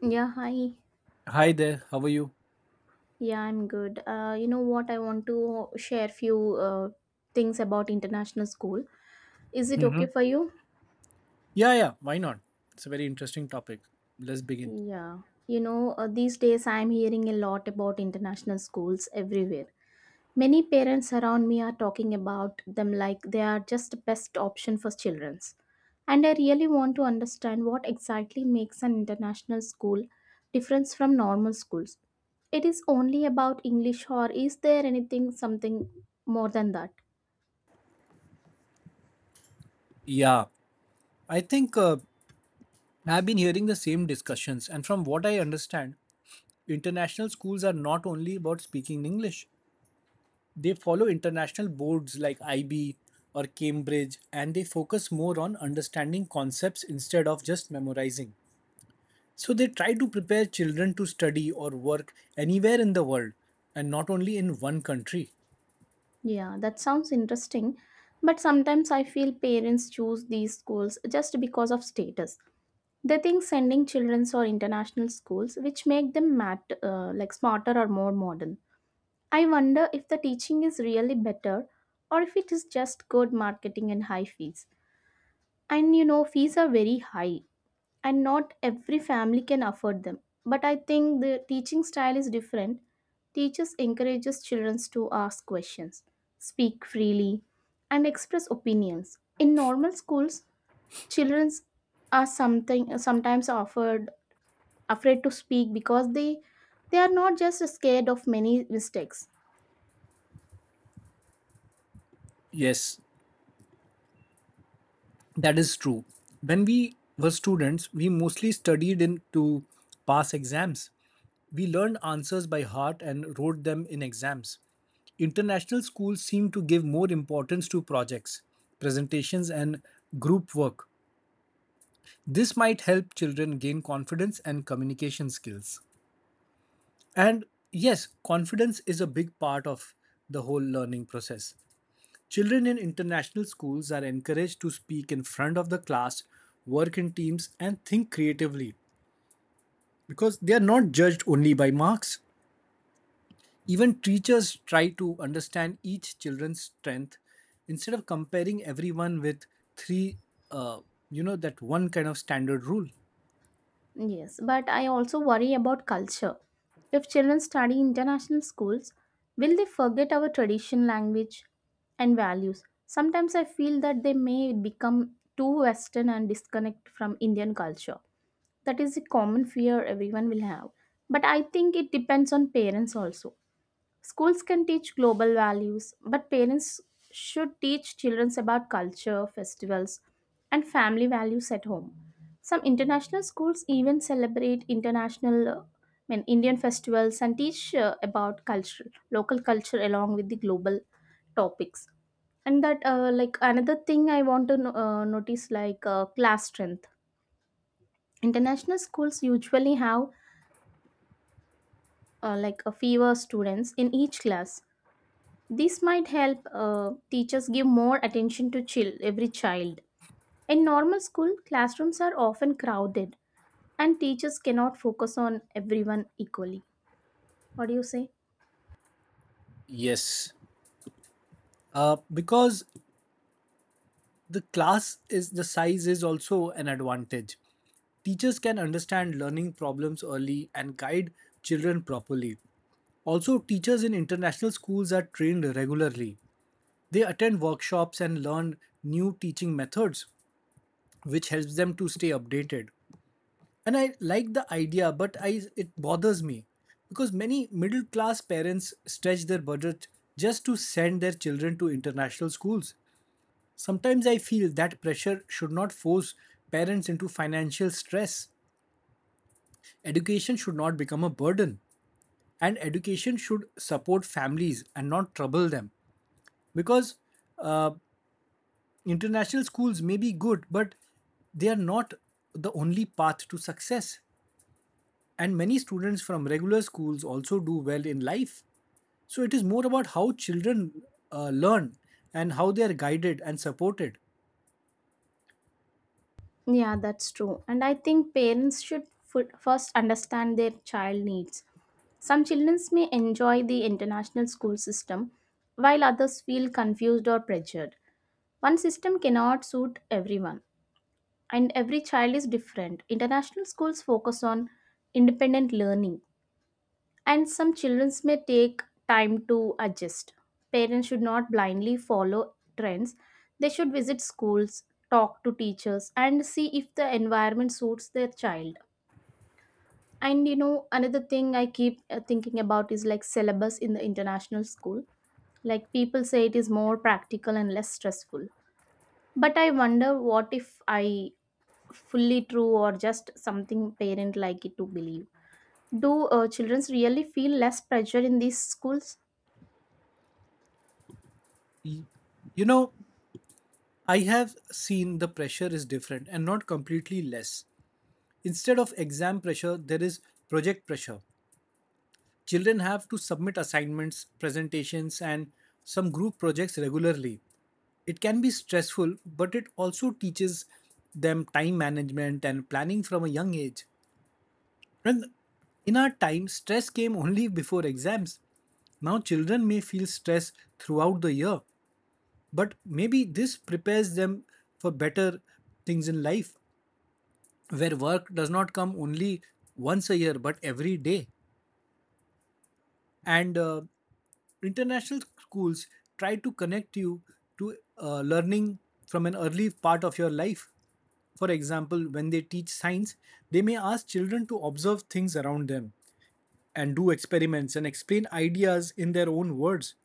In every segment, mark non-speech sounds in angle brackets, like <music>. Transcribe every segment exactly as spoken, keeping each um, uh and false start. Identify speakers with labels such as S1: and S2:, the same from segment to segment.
S1: Yeah, hi.
S2: Hi there, how are you?
S1: Yeah, I'm good. Uh, you know what? I want to share few uh, things about international school. Is it okay
S2: Hmm.
S1: for you?
S2: Yeah, yeah, why not? It's a very interesting topic. Let's begin.
S1: Yeah. You know, uh, these days I'm hearing a lot about international schools everywhere. Many parents around me are talking about them like they are just the best option for children's. And I really want to understand what exactly makes an international school different from normal schools. It is only about English or is there anything something more than that?
S2: Yeah, I think uh, I've been hearing the same discussions, and from what I understand, international schools are not only about speaking English, they follow international boards like I B or Cambridge, and they focus more on understanding concepts instead of just memorizing. So they try to prepare children to study or work anywhere in the world and not only in one country.
S1: Yeah, that sounds interesting, but sometimes I feel parents choose these schools just because of status. They think sending children or international schools which make them mat- uh, like smarter or more modern. I wonder if the teaching is really better or if it is just good marketing and high fees. And you know, fees are very high and not every family can afford them. But I think the teaching style is different. Teachers encourages children to ask questions, speak freely, and express opinions. In normal schools, children are something sometimes offered afraid to speak because they they are not just scared of many mistakes.
S2: Yes. That is true. When we were students, we mostly studied in to pass exams. We learned answers by heart and wrote them in exams. International schools seem to give more importance to projects, presentations, and group work. This might help children gain confidence and communication skills. And yes, confidence is a big part of the whole learning process. Children in international schools are encouraged to speak in front of the class, work in teams, and think creatively because they are not judged only by marks. Even teachers try to understand each children's strength instead of comparing everyone with three, uh, you know, that one kind of standard rule.
S1: Yes, but I also worry about culture. If children study international schools, will they forget our tradition, language, and values? Sometimes I feel that they may become too Western and disconnect from Indian culture. That is a common fear everyone will have. But I think it depends on parents also. Schools can teach global values, but parents should teach children about culture, festivals, and family values at home. Some international schools even celebrate international uh, I mean, Indian festivals and teach uh, about culture, local culture along with the global topics. And that, uh, like another thing I want to no- uh, notice, like uh, class strength. International schools usually have uh, like a fewer students in each class. This might help uh, teachers give more attention to chill every child. In normal school, classrooms are often crowded and teachers cannot focus on everyone equally. What do you say?
S2: Yes, uh, because the class is the size is also an advantage. Teachers can understand learning problems early and guide children properly. Also, teachers in international schools are trained regularly. They attend workshops and learn new teaching methods, which helps them to stay updated. And I like the idea, but I it bothers me because many middle class parents stretch their budget just to send their children to international schools. Sometimes I feel that pressure should not force parents into financial stress. Education should not become a burden, and education should support families and not trouble them. Because uh, International schools may be good but they are not the only path to success, and many students from regular schools also do well in life, so it is more about how children uh, learn and how they are guided and supported.
S1: Yeah, that's true. And I think parents should fu- first understand their child needs. Some children may enjoy the international school system while others feel confused or pressured. One system cannot suit everyone, and every child is different. International schools focus on independent learning, and some children may take time to adjust. Parents should not blindly follow trends, they should visit schools, talk to teachers, and see if the environment suits their child. And you know, another thing I keep uh, thinking about is like syllabus in the international school. Like people say it is more practical and less stressful. But I wonder what if I fully true or just something parent like it to believe. Do uh, children really feel less pressure in these schools?
S2: Y- you know I have seen the pressure is different and not completely less. Instead of exam pressure there is project pressure. Children have to submit assignments, presentations, and some group projects regularly. It can be stressful, but it also teaches them time management and planning from a young age. And in our time, stress came only before exams. Now, children may feel stress throughout the year, but maybe this prepares them for better things in life, where work does not come only once a year but every day. and uh, international schools try to connect you to uh, learning from an early part of your life. For example, when they teach science, they may ask children to observe things around them and do experiments and explain ideas in their own words.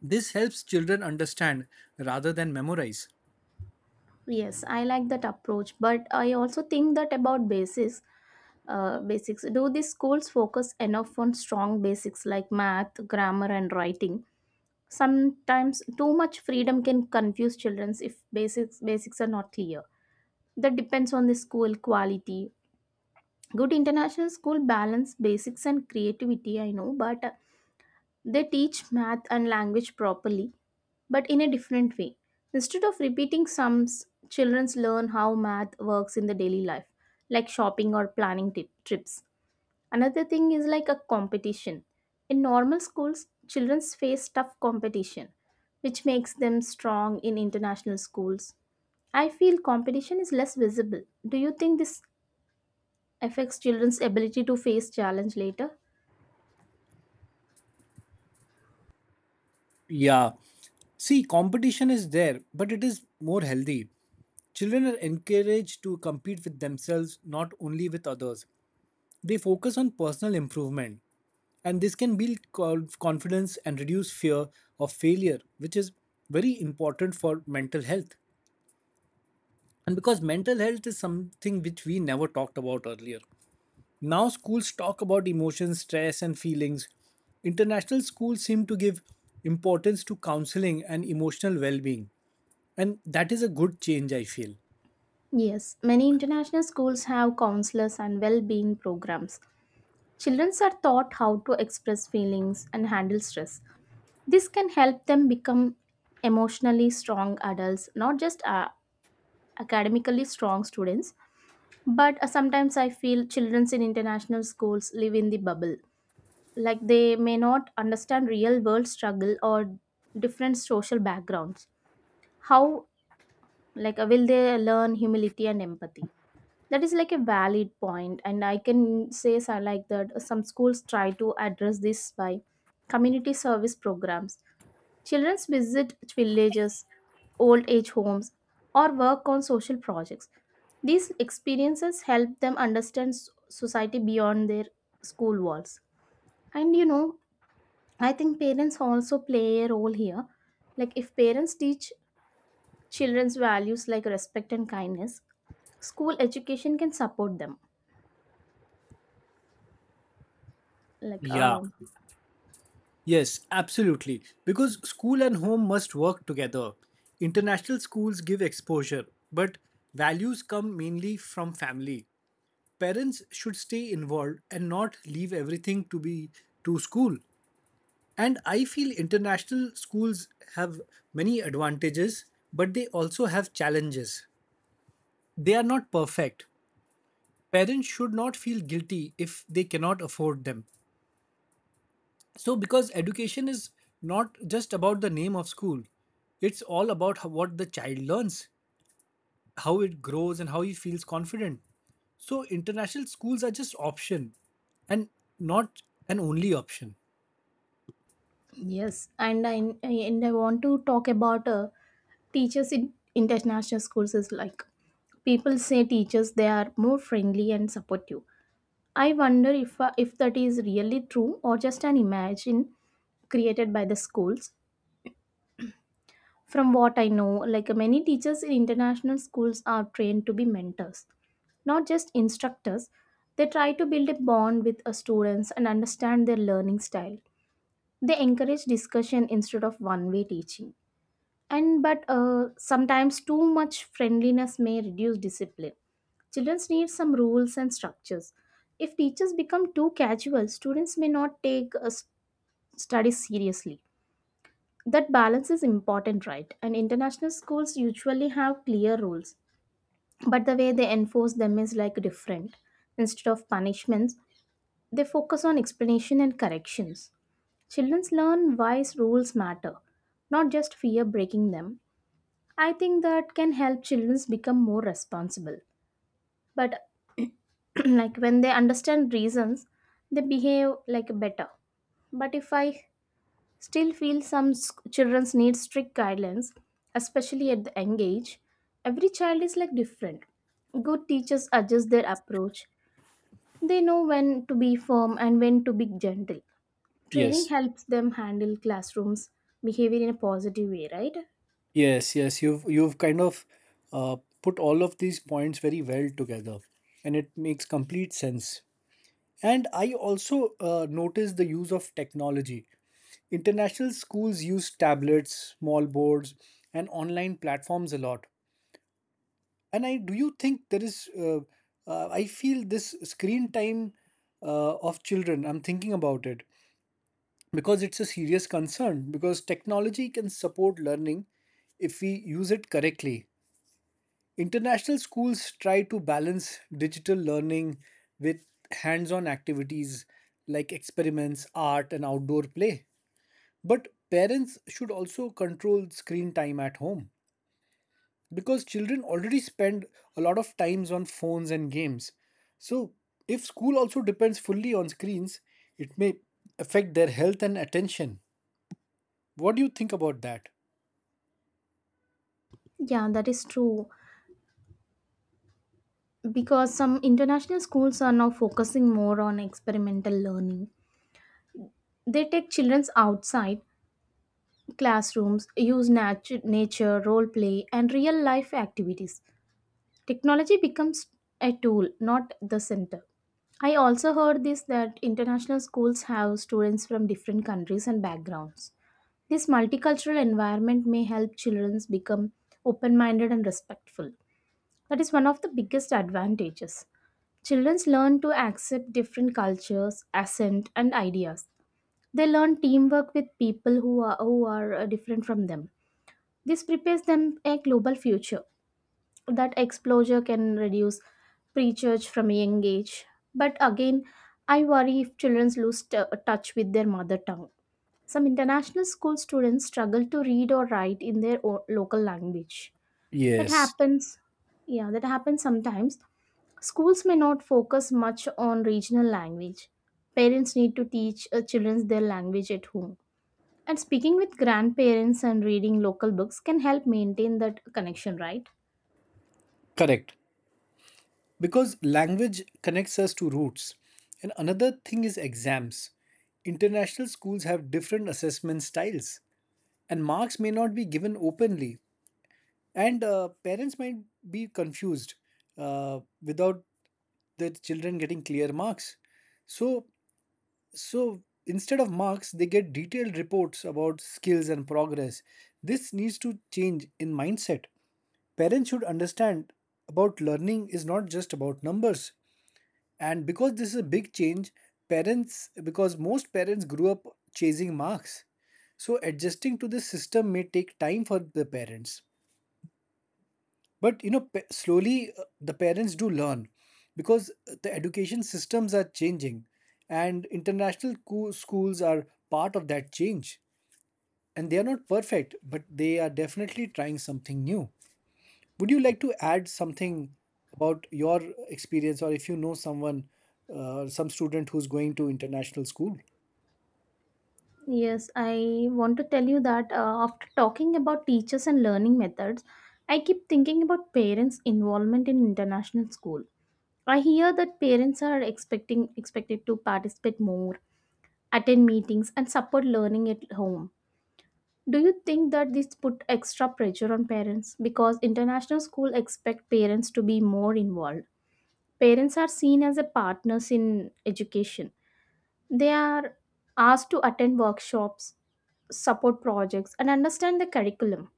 S2: This helps children understand rather than memorize.
S1: Yes, I like that approach, but I also think that about basics. Uh, basics, do these schools focus enough on strong basics like math, grammar and writing? Sometimes too much freedom can confuse children if basics basics are not clear. That depends on the school quality. Good international school balance basics and creativity, I know, but they teach math and language properly, but in a different way. Instead of repeating sums, children learn how math works in the daily life, like shopping or planning tip- trips. Another thing is like a competition. In normal schools, children face tough competition, which makes them strong. In international schools, I feel competition is less visible. Do you think this affects children's ability to face challenge later?
S2: Yeah, see, competition is there but it is more healthy. Children are encouraged to compete with themselves, not only with others. They focus on personal improvement, and this can build co- confidence and reduce fear of failure, which is very important for mental health. And because mental health is something which we never talked about earlier. Now, schools talk about emotions, stress, and feelings. International schools seem to give importance to counseling and emotional well being. And that is a good change, I feel.
S1: Yes, many international schools have counselors and well being programs. Children are taught how to express feelings and handle stress. This can help them become emotionally strong adults, not just uh, academically strong students. But uh, sometimes I feel children in international schools live in the bubble. Like they may not understand real world struggle or different social backgrounds. How, like uh, will they learn humility and empathy? That is like a valid point, and I can say so like that some schools try to address this by community service programs. Children visit villages, old age homes, or work on social projects. These experiences help them understand s- society beyond their school walls. And you know, I think parents also play a role here. Like if parents teach children's values like respect and kindness, school education can support them, like
S2: Yeah.
S1: uh,
S2: Yes, absolutely. Because school and home must work together. International schools give exposure, but values come mainly from family. Parents should stay involved and not leave everything to be to school. And I feel international schools have many advantages, but they also have challenges. They are not perfect. Parents should not feel guilty if they cannot afford them. So because education is not just about the name of school, it's all about how, what the child learns, how it grows and how he feels confident. So international schools are just option and not an only option.
S1: Yes, and I and I want to talk about uh, teachers in international schools is like people say teachers they are more friendly and supportive. I wonder if uh, if that is really true or just an imagine created by the schools. From what I know, like many teachers in international schools are trained to be mentors, not just instructors. They try to build a bond with uh, students and understand their learning style. They encourage discussion instead of one way teaching, and but uh, sometimes too much friendliness may reduce discipline. Children need some rules and structures. If teachers become too casual, students may not take a s- study seriously. That balance is important, right? And international schools usually have clear rules, but the way they enforce them is like different. Instead of punishments, they focus on explanation and corrections. Children learn why rules matter, not just fear breaking them. I think that can help children become more responsible. But <clears throat> like when they understand reasons, they behave like better. But if I still feel some children need strict guidelines, especially at the young age, every child is like different. Good teachers adjust their approach. They know when to be firm and when to be gentle. Training
S2: Yes,
S1: helps them handle classrooms behavior in a positive way, right?
S2: yes, yes. You've you've kind of uh, put all of these points very well together, and it makes complete sense. And I also uh, noticed the use of technology. International schools use tablets, small boards, and online platforms a lot. And I do you think there is? Uh, uh, I feel this screen time uh, of children. I'm thinking about it because it's a serious concern. Because technology can support learning if we use it correctly. International schools try to balance digital learning with hands on activities like experiments, art, and outdoor play. But parents should also control screen time at home because children already spend a lot of times on phones and games. So, if school also depends fully on screens, it may affect their health and attention. What do you think about that?
S1: Yeah, that is true. Because some international schools are now focusing more on experimental learning. They take children outside classrooms, use natu- nature, role play, and real life activities. Technology becomes a tool, not the center. I also heard this that international schools have students from different countries and backgrounds. This multicultural environment may help children become open minded and respectful. That is one of the biggest advantages. Children learn to accept different cultures, accent, and ideas. They learn teamwork with people who are, who are uh, different from them. This prepares them a global future. That exposure can reduce prejudge from a young age. But again, I worry if children lose t- uh, touch with their mother tongue. Some international school students struggle to read or write in their o- local language. That
S2: Yes.
S1: happens. Yeah, that happens sometimes. Schools may not focus much on regional language. Parents need to teach uh, children their language at home, and speaking with grandparents and reading local books can help maintain that connection, right?
S2: Correct. Because language connects us to roots. And another thing is exams. International schools have different assessment styles, and marks may not be given openly. And uh, parents might be confused uh, without their children getting clear marks. So, so instead of marks, they get detailed reports about skills and progress. This needs to change in mindset. Parents should understand about learning is not just about numbers. And because this is a big change, parents, because most parents grew up chasing marks. So adjusting to this system may take time for the parents. But you know, pa- slowly uh, the parents do learn because uh, the education systems are changing and international co- schools are part of that change. And they are not perfect, but they are definitely trying something new. Would you like to add something about your experience, or if you know someone, uh, some student who's going to international school?
S1: Yes, I want to tell you that uh, after talking about teachers and learning methods, I keep thinking about parents involvement in international school. I hear that parents are expecting expected to participate more, attend meetings, and support learning at home. Do you think that this put extra pressure on parents because international school expect parents to be more involved? Parents are seen as a partners in education. They are asked to attend workshops, support projects and understand the curriculum.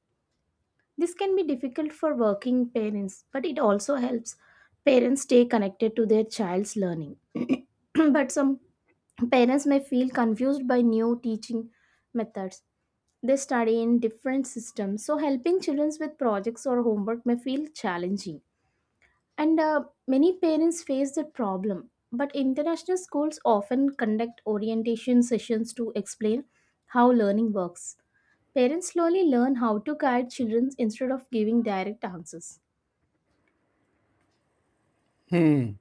S1: This can be difficult for working parents, but it also helps parents stay connected to their child's learning. <clears throat> But some parents may feel confused by new teaching methods. They study in different systems, so helping children with projects or homework may feel challenging. And uh, many parents face that problem. But international schools often conduct orientation sessions to explain how learning works. Parents slowly learn how to guide children instead of giving direct answers.
S2: Hmm,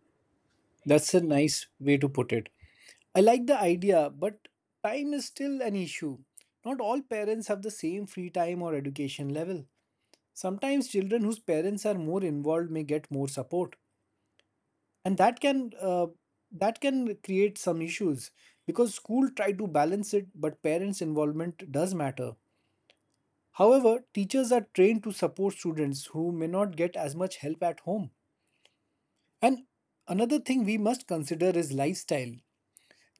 S2: that's a nice way to put it. I like the idea, but time is still an issue. Not all parents have the same free time or education level. Sometimes children whose parents are more involved may get more support, and that can uh, that can create some issues because school try to balance it, but parents' involvement does matter. However, teachers are trained to support students who may not get as much help at home. And another thing we must consider is lifestyle.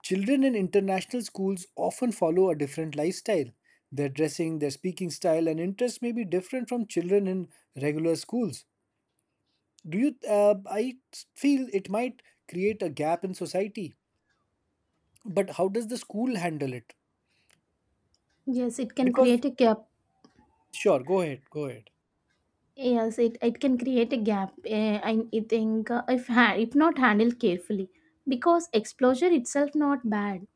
S2: Children in international schools often follow a different lifestyle. Their dressing, their speaking style, and interests may be different from children in regular schools. Do you? Uh, I feel it might create a gap in society. But how does the school handle it?
S1: Yes, it can
S2: Because
S1: create a gap.
S2: sure, go ahead, go ahead.
S1: Yes, it, it can create a gap. Eh, and I think uh, if ha- if not handled carefully, because exposure itself not bad.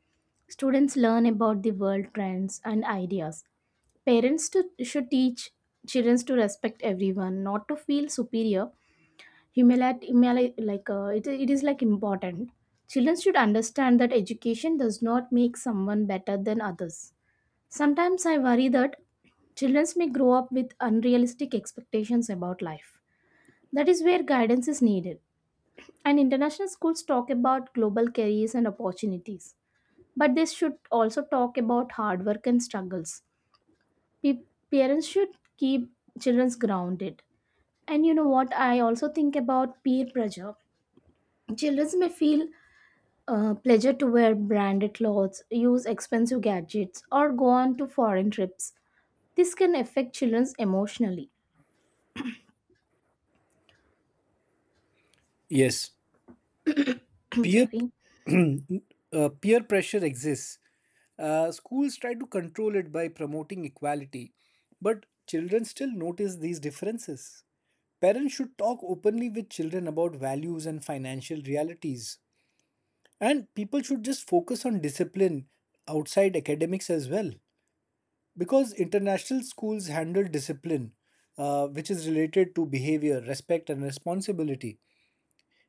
S1: Students learn about the world trends and ideas. Parents to, should teach children to respect everyone, not to feel superior. Humility, humili- like uh, it, it is like important. Children should understand that education does not make someone better than others. Sometimes I worry that children may grow up with unrealistic expectations about life. That is where guidance is needed. And international schools talk about global careers and opportunities, but they should also talk about hard work and struggles. Pe- Parents should keep children's grounded. And you know what, I also think about peer pressure. Children may feel uh, pleasure to wear branded clothes, use expensive gadgets or go on to foreign trips. This can affect children emotionally.
S2: Yes,
S1: <clears throat>
S2: peer
S1: Sorry.
S2: <clears throat> uh, peer pressure exists. Uh, schools try to control it by promoting equality, but children still notice these differences. Parents should talk openly with children about values and financial realities. And people should just focus on discipline outside academics as well. Because international schools handle discipline, uh, which is related to behavior, respect, and responsibility.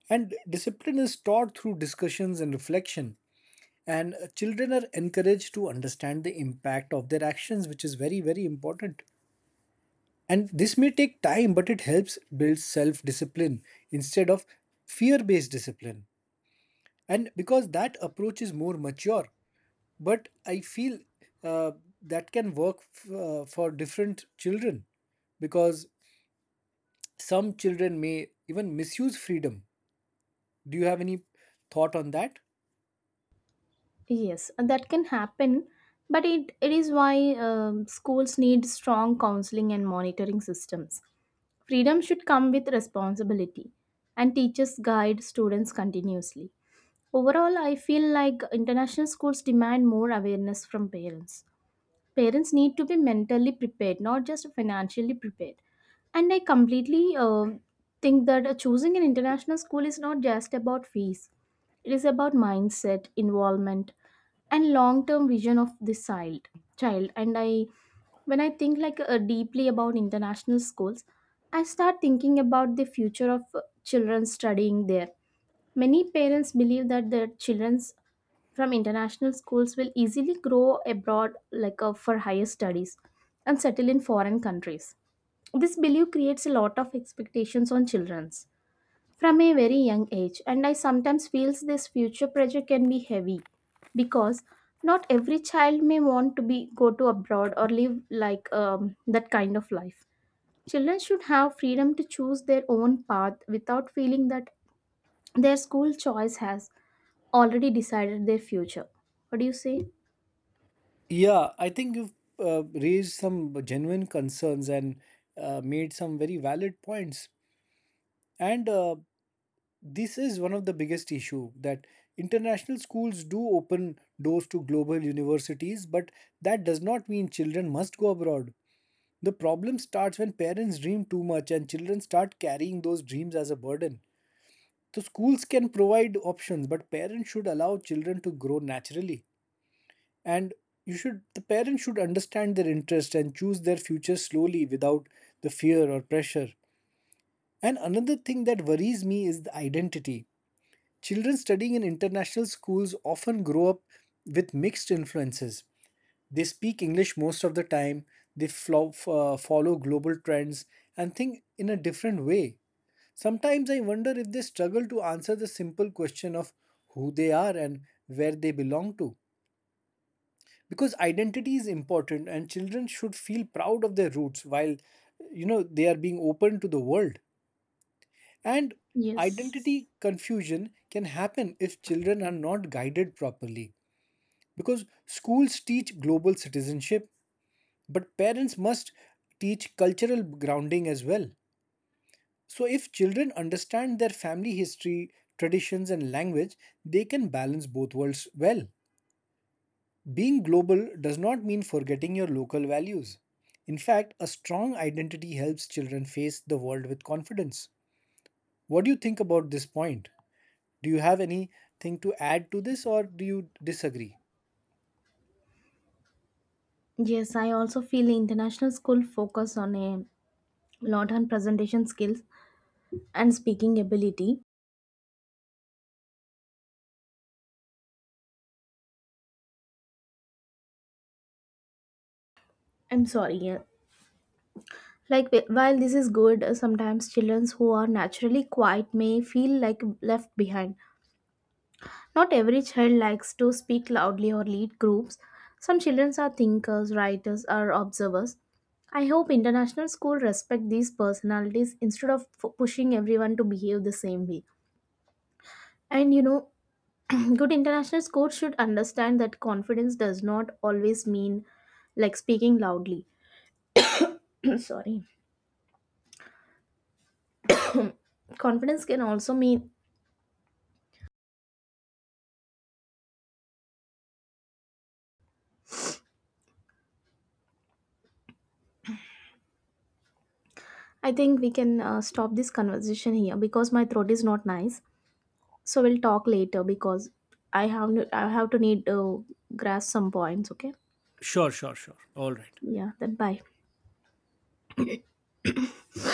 S2: And discipline is taught through discussions and reflection. And uh, children are encouraged to understand the impact of their actions, which is very, very important. And this may take time, but it helps build self discipline instead of fear based discipline. And because that approach is more mature, but I feel uh, that can work f- uh, for different children because some children may even misuse freedom. Do you have any thought on that?
S1: Yes, that can happen, but it, it is why um, schools need strong counseling and monitoring systems. Freedom should come with responsibility, and teachers guide students continuously. Overall, I feel like international schools demand more awareness from parents. Parents need to be mentally prepared, not just financially prepared. And I completely uh, think that uh, choosing an international school is not just about fees, it is about mindset, involvement, and long term vision of this child child and I when I think like uh, deeply about international schools, I start thinking about the future of uh, children studying there. Many parents believe that their children from international schools will easily grow abroad like uh, for higher studies and settle in foreign countries. This belief creates a lot of expectations on children from a very young age, and I sometimes feels this future pressure can be heavy because not every child may want to be go to abroad or live like um, that kind of life. Children should have freedom to choose their own path without feeling that their school choice has already decided their future. What do you say?
S2: Yeah, I think you've uh, raised some genuine concerns and uh, made some very valid points. And uh, this is one of the biggest issue that international schools do open doors to global universities, but that does not mean children must go abroad. The problem starts when parents dream too much and children start carrying those dreams as a burden. So schools can provide options, but parents should allow children to grow naturally. And you should the parents should understand their interest and choose their future slowly without the fear or pressure. And another thing that worries me is the identity. Children studying in international schools often grow up with mixed influences. They speak English most of the time. They flo- f- uh, follow global trends and think in a different way. Sometimes I wonder if they struggle to answer the simple question of who they are and where they belong to, because identity is important and children should feel proud of their roots while, you know, they are being open to the world. And
S1: Yes.
S2: identity confusion can happen if children are not guided properly, because schools teach global citizenship but parents must teach cultural grounding as well. So if children understand their family history, traditions and language, they can balance both worlds well. Being global does not mean forgetting your local values. In fact, a strong identity helps children face the world with confidence. What do you think about this point? Do you have anything to add to this or do you disagree?
S1: Yes, I also feel international school focus on a lot on presentation skills and speaking ability. I'm sorry, yeah. Like wh- while this is good, uh, sometimes children who are naturally quiet may feel like left behind. Not every child likes to speak loudly or lead groups. Some children are thinkers, writers, or observers. I hope international schools respect these personalities instead of f- pushing everyone to behave the same way. And you know, <clears throat> good international schools should understand that confidence does not always mean like speaking loudly. <clears throat> Sorry. Confidence can also mean I think we can uh, stop this conversation here because my throat is not nice. So we'll talk later because I have I have to need to grasp some points. Okay.
S2: Sure, sure, sure. All right.
S1: Yeah. Then bye.